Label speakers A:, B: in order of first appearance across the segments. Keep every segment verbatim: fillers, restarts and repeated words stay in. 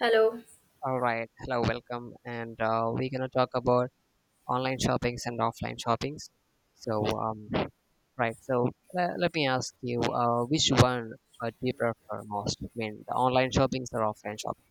A: Hello.
B: All right. Hello, welcome. And uh, we're going to talk about online shoppings and offline shoppings. So, um, right. So, le- let me ask you, uh, which one uh, do you prefer most? I mean, the online shoppings or offline shoppings?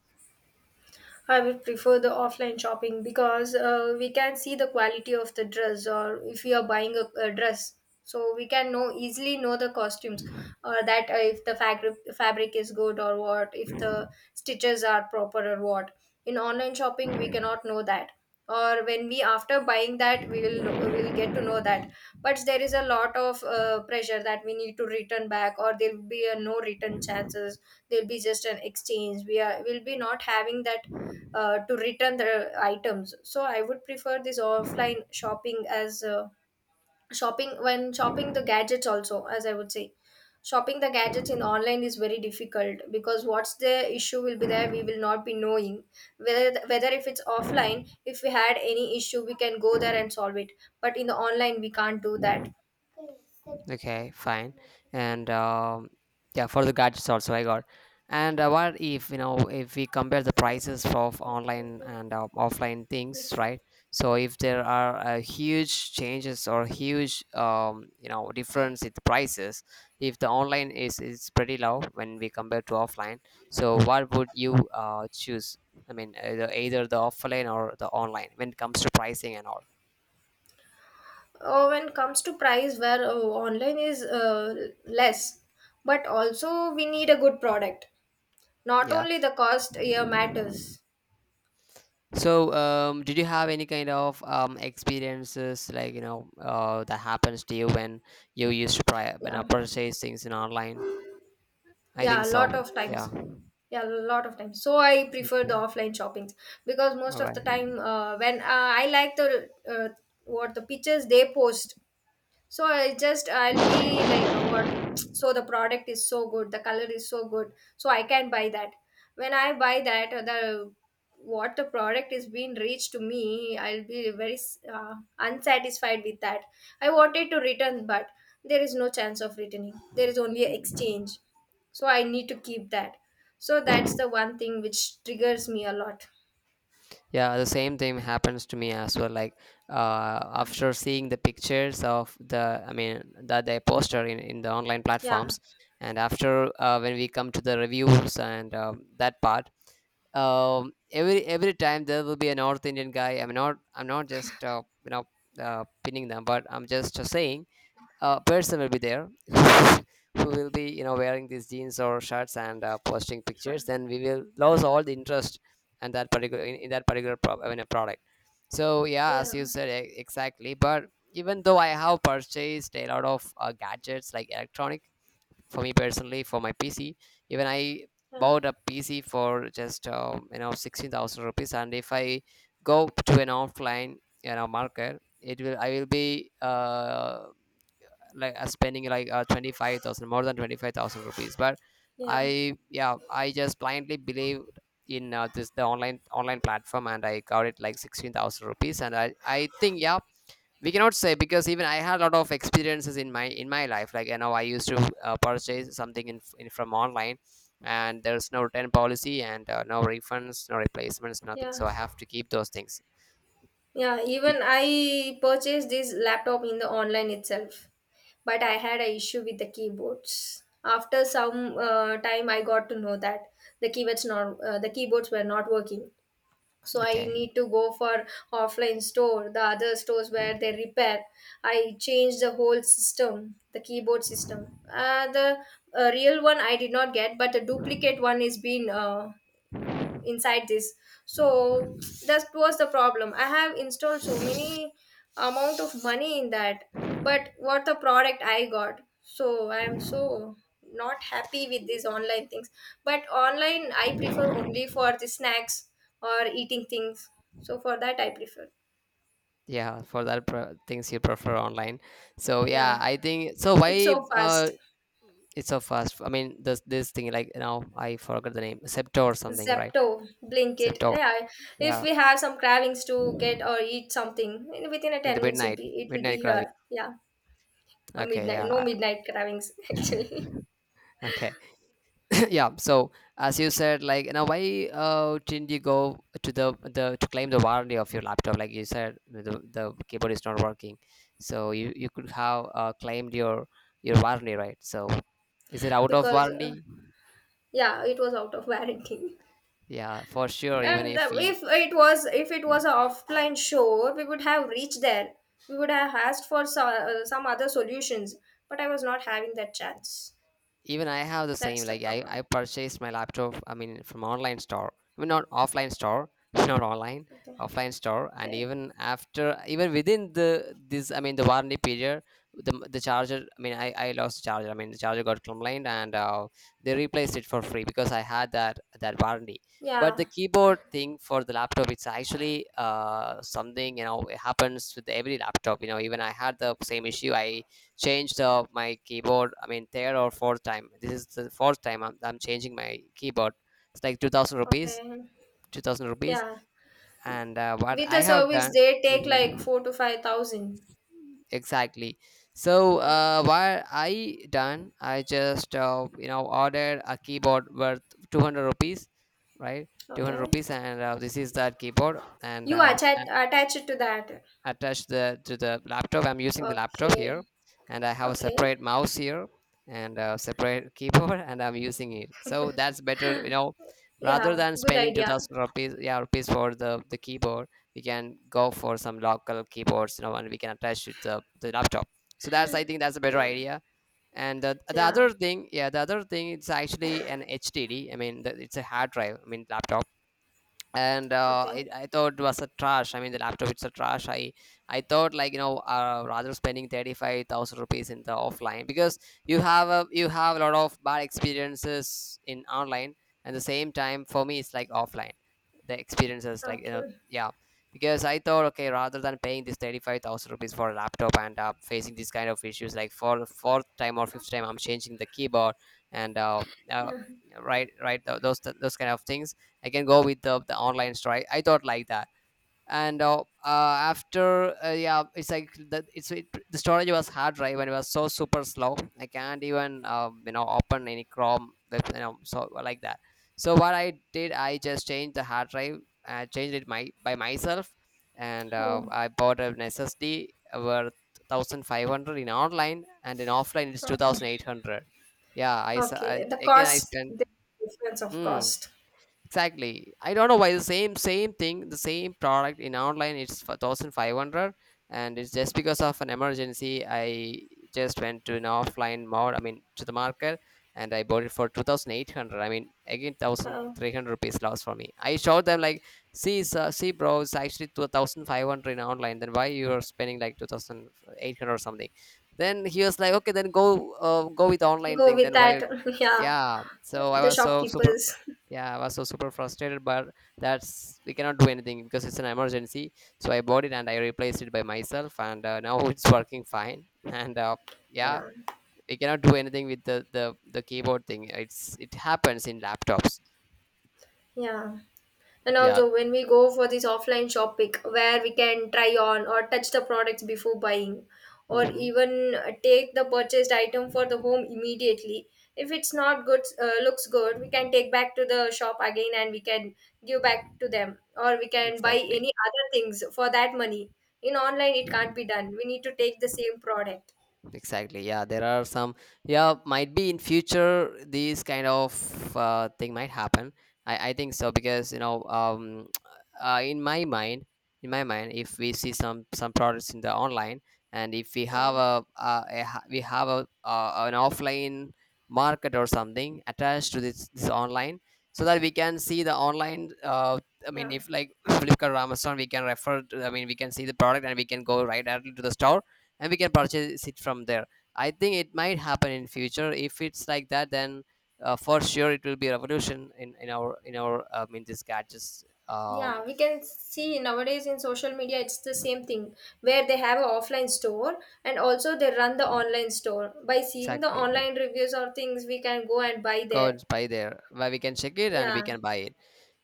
A: I would prefer the offline shopping because uh, we can see the quality of the dress, or if we are buying a, a dress, so we can know easily know the costumes, or that uh, if the fabric fabric is good or what, if the stitches are proper or what. In online shopping, we cannot know that, or when we after buying that, we will know, we'll get to know that. But there is a lot of uh, pressure that we need to return back, or there will be a no return chances. There'll be just an exchange. We are will be not having that uh, to return the items. So I would prefer this offline shopping as uh, shopping when shopping the gadgets also, as I would say. Shopping the gadgets in online is very difficult because what's the issue will be there we will not be knowing whether whether if it's offline if we had any issue we can go there and solve it, but in the online we can't do that.
B: Okay, fine. And um, yeah, for the gadgets also I got. And uh, what if you know if we compare the prices of online and uh, offline things, right? So if there are uh, huge changes or huge um, you know difference in the prices, if the online is is pretty low when we compare to offline, so what would you uh, choose? I mean, either, either the offline or the online when it comes to pricing and all.
A: Oh, when it comes to price where uh, online is uh, less, but also we need a good product, not
B: Yeah.
A: only the cost here matters.
B: So, um, did you have any kind of um, experiences like you know uh, that happens to you when you used to pri- when I
A: Yeah.
B: purchase things in online? I think
A: Yeah, a
B: so.
A: lot of
B: Yeah.
A: times. Yeah, a lot of times, so I prefer the
B: Okay.
A: offline shoppings, because most
B: All
A: of the time uh, when uh, I like the uh, what the pictures they post. So I just I'll be like uh, what? So the product is so good, the color is so good, so I can buy that. When I buy that, uh, the what the product is being reached to me, I'll be very uh, unsatisfied with that. I wanted to return, but there is no chance of returning. There is only exchange, so I need to keep that. So that's
B: right.
A: the one thing which triggers me a lot.
B: Yeah, the same thing happens to me as well. Like uh,
A: Yeah.
B: after seeing the pictures of the, I mean, that they posted in, in the online
A: Yeah.
B: platforms, and after uh, when we come to the reviews and um, that part, um, every every time there will be a North Indian guy. I'm not, I'm not just uh, you know uh, pinning them, but I'm just saying uh, person will be there who will be you know wearing these jeans or shirts and uh, posting pictures, then we will lose all the interest and that particular in, in that particular pro- I mean, a product. So yeah, as
A: Yeah.
B: you said, e- exactly. But even though I have purchased a lot of uh, gadgets like electronic, for me personally, for my PC. Even I
A: Yeah.
B: bought a PC for just um, you know sixteen thousand rupees, and if I go to an offline you know market, it will I will be uh like uh, spending like uh, twenty-five thousand, more than twenty-five thousand rupees. But
A: Yeah.
B: I yeah I just blindly believed in uh, this the online online platform, and I got it like sixteen thousand rupees. And i i think, yeah, we cannot say, because even I had a lot of experiences in my in my life, like you know I used to uh, purchase something in, in from online, and there's no return policy, and uh, no refunds, no replacements, nothing.
A: Yeah.
B: So I have to keep those things.
A: Yeah,
B: We-
A: even I purchased this laptop in the online itself, but I had a issue with the keyboards. After some uh, time, I got to know that the keyboards not uh, the keyboards were not working. So I
B: okay.
A: need to go for offline store, the other stores where they repair. I changed the whole system, the keyboard system. Uh, the uh, real one I did not get, but the duplicate one is been uh, inside this. So that was the problem, I have installed so many amount of money in that, but what the product I got, so I am so not happy with these online things. But online I prefer only for the snacks or eating things, so for that I prefer.
B: Yeah, for that pre- things you prefer online. So yeah,
A: Yeah,
B: I think so.
A: it's
B: why
A: so
B: uh
A: fast.
B: It's so fast. I mean, this this thing, like, now? I forgot the name, septo or something, right?
A: Zepto, Blinkit,
B: Septo.
A: yeah. If
B: Yeah.
A: we have some cravings to get or eat something in- within a
B: In
A: ten
B: the
A: minutes, it'll
B: midnight,
A: be it will be
B: midnight
A: here.
B: gravity.
A: Yeah, uh,
B: Okay.
A: midnight, no,
B: Yeah.
A: midnight cravings
B: I-
A: actually.
B: okay yeah. So, as you said, like now, why uh didn't you go to the the to claim the warranty of your laptop? Like you said, the, the keyboard is not working, so you you could have uh, claimed your your warranty, right? So is it out of
A: Because uh,
B: warranty?
A: yeah, it was out of warranty.
B: Yeah, for sure. Even
A: And
B: if
A: uh,
B: we,
A: if it was, if it was an offline show, we would have reached there, we would have asked for so, uh, some other solutions, but I was not having that chance.
B: even I have the same.
A: That's the
B: Like I, I
A: problem.
B: purchased my laptop. I mean, from online store. I mean, not offline store, not online,
A: Okay.
B: offline store. And
A: Okay,
B: even after, even within the this, I mean, the warranty period, the the charger. I mean, I I lost the charger. I mean, the charger got complained, and uh, they replaced it for free, because I had that that warranty. But
A: yeah.
B: the keyboard thing for the laptop, it's actually uh, something, you know it happens with every laptop. You know, even I had the same issue. I changed uh, my keyboard. I mean, third or fourth time. This is the fourth time I'm, I'm changing my keyboard. It's like two thousand rupees,
A: Okay,
B: two thousand rupees.
A: yeah,
B: And uh, what
A: with
B: I
A: the
B: have done.
A: service they take like
B: Mhm.
A: four to five thousand.
B: Exactly. So
A: Yeah.
B: uh, what I done, I just uh, you know ordered a keyboard worth two hundred rupees, right? Two hundred
A: Okay,
B: rupees. And uh, this is that keyboard. And
A: you
B: uh,
A: attach attach it to that.
B: attached the, to the laptop. I'm using the laptop
A: Okay.
B: here, and I have a
A: Okay.
B: separate mouse here and a separate keyboard, and I'm using it. So that's better, you know. Rather
A: Yeah,
B: than
A: good
B: spending two
A: idea.
B: thousand rupees, yeah, rupees for the the keyboard, we can go for some local keyboards, you know, and we can attach it to the laptop. So that's I think that's a better
A: Yeah,
B: idea. And the, the
A: yeah.
B: other thing, yeah, the other thing, it's actually an H D D. I mean, the, it's a hard drive. I mean, laptop, and uh,
A: Okay,
B: it, I thought it was a trash. I mean, the laptop, it's a trash. I I thought, like, you know uh, rather spending thirty five thousand rupees in the offline, because you have a you have a lot of bad experiences in online, and the same time for me it's like offline. The experiences, like, you know
A: okay.
B: yeah. Because I thought, okay, rather than paying this thirty five thousand rupees for a laptop, and uh, facing these kind of issues like for fourth time or fifth time I'm changing the keyboard, and uh, uh,
A: Yeah.
B: right right, th- those those kind of things, I can go with the, the online store. I, I thought like that. And uh, uh, after, uh, yeah, it's like the, it's it, the storage was hard drive, and it was so super slow. I can't even um, you know open any Chrome, web, you know, so like that. So what I did, I just changed the hard drive. I changed it my by myself, and uh,
A: Oh,
B: I bought an S S D worth thousand five hundred in online, and in offline it's two
A: okay.
B: thousand eight hundred. Yeah, I, s-
A: Okay,
B: I-
A: the
B: again I
A: cost,
B: spent.
A: the difference of
B: Mm,
A: cost.
B: exactly. I don't know why the same same thing, the same product in online it's for one thousand five hundred, and it's just because of an emergency. I just went to an offline mode, I mean, to the market, and I bought it for two thousand eight hundred. I mean, again,
A: Uh,
B: one thousand three hundred rupees loss for me. I showed them, like, see sir, see bro, it's actually two thousand five hundred in online. Then why you're spending like two thousand eight hundred or something? Then he was like, okay, then go uh, go with the online
A: Go
B: thing,
A: with
B: then
A: that.
B: why?
A: Yeah.
B: Yeah, so I
A: The
B: was so super.
A: shopkeepers.
B: Yeah, I was so super frustrated. But that's we cannot do anything, because it's an emergency. So I bought it and I replaced it by myself, and uh, now it's working fine. And uh, yeah,
A: Yeah,
B: we cannot do anything with the the the keyboard thing. It's it happens in laptops.
A: yeah. And
B: Yeah.
A: also, when we go for this offline shopping, where we can try on or touch the products before buying, or
B: Hmm.
A: even uh, take the purchased item for the home immediately. If it's not good, uh, looks good, we can take back to the shop again, and we can give back to them, or we can buy
B: Exactly.
A: any other things for that money. In online, it can't be done. We need to take the same product.
B: Exactly, yeah. There are some. Yeah, might be in future these kind of uh, thing might happen. I i think so, because you know um uh, in my mind in my mind, if we see some some products in the online, and if we
A: Yeah,
B: have a, a, a ha- we have a, uh an offline market or something attached to this this online, so that we can see the online, uh, I mean,
A: yeah.
B: if like flipkart or amazon, we can refer to, I mean, we can see the product and we can go right directly to the store, and we can purchase it from there. I think it might happen in future. If it's like that, then uh, for sure it will be a revolution in, in our in our um, in this gadgets um
A: Yeah, we can see nowadays in social media it's the same thing where they have an offline store and also they run the online store. By seeing the
B: Exactly.
A: online reviews or things, we can go and buy
B: Go
A: there.
B: and buy there, where we can check it and we
A: Yeah,
B: can buy it.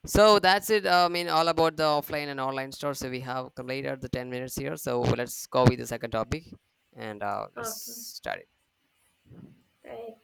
B: So that's it. uh, I mean, all about the offline and online store. So we have completed the ten minutes here. So let's go with the second topic, and uh, let's
A: okay,
B: start.
A: right.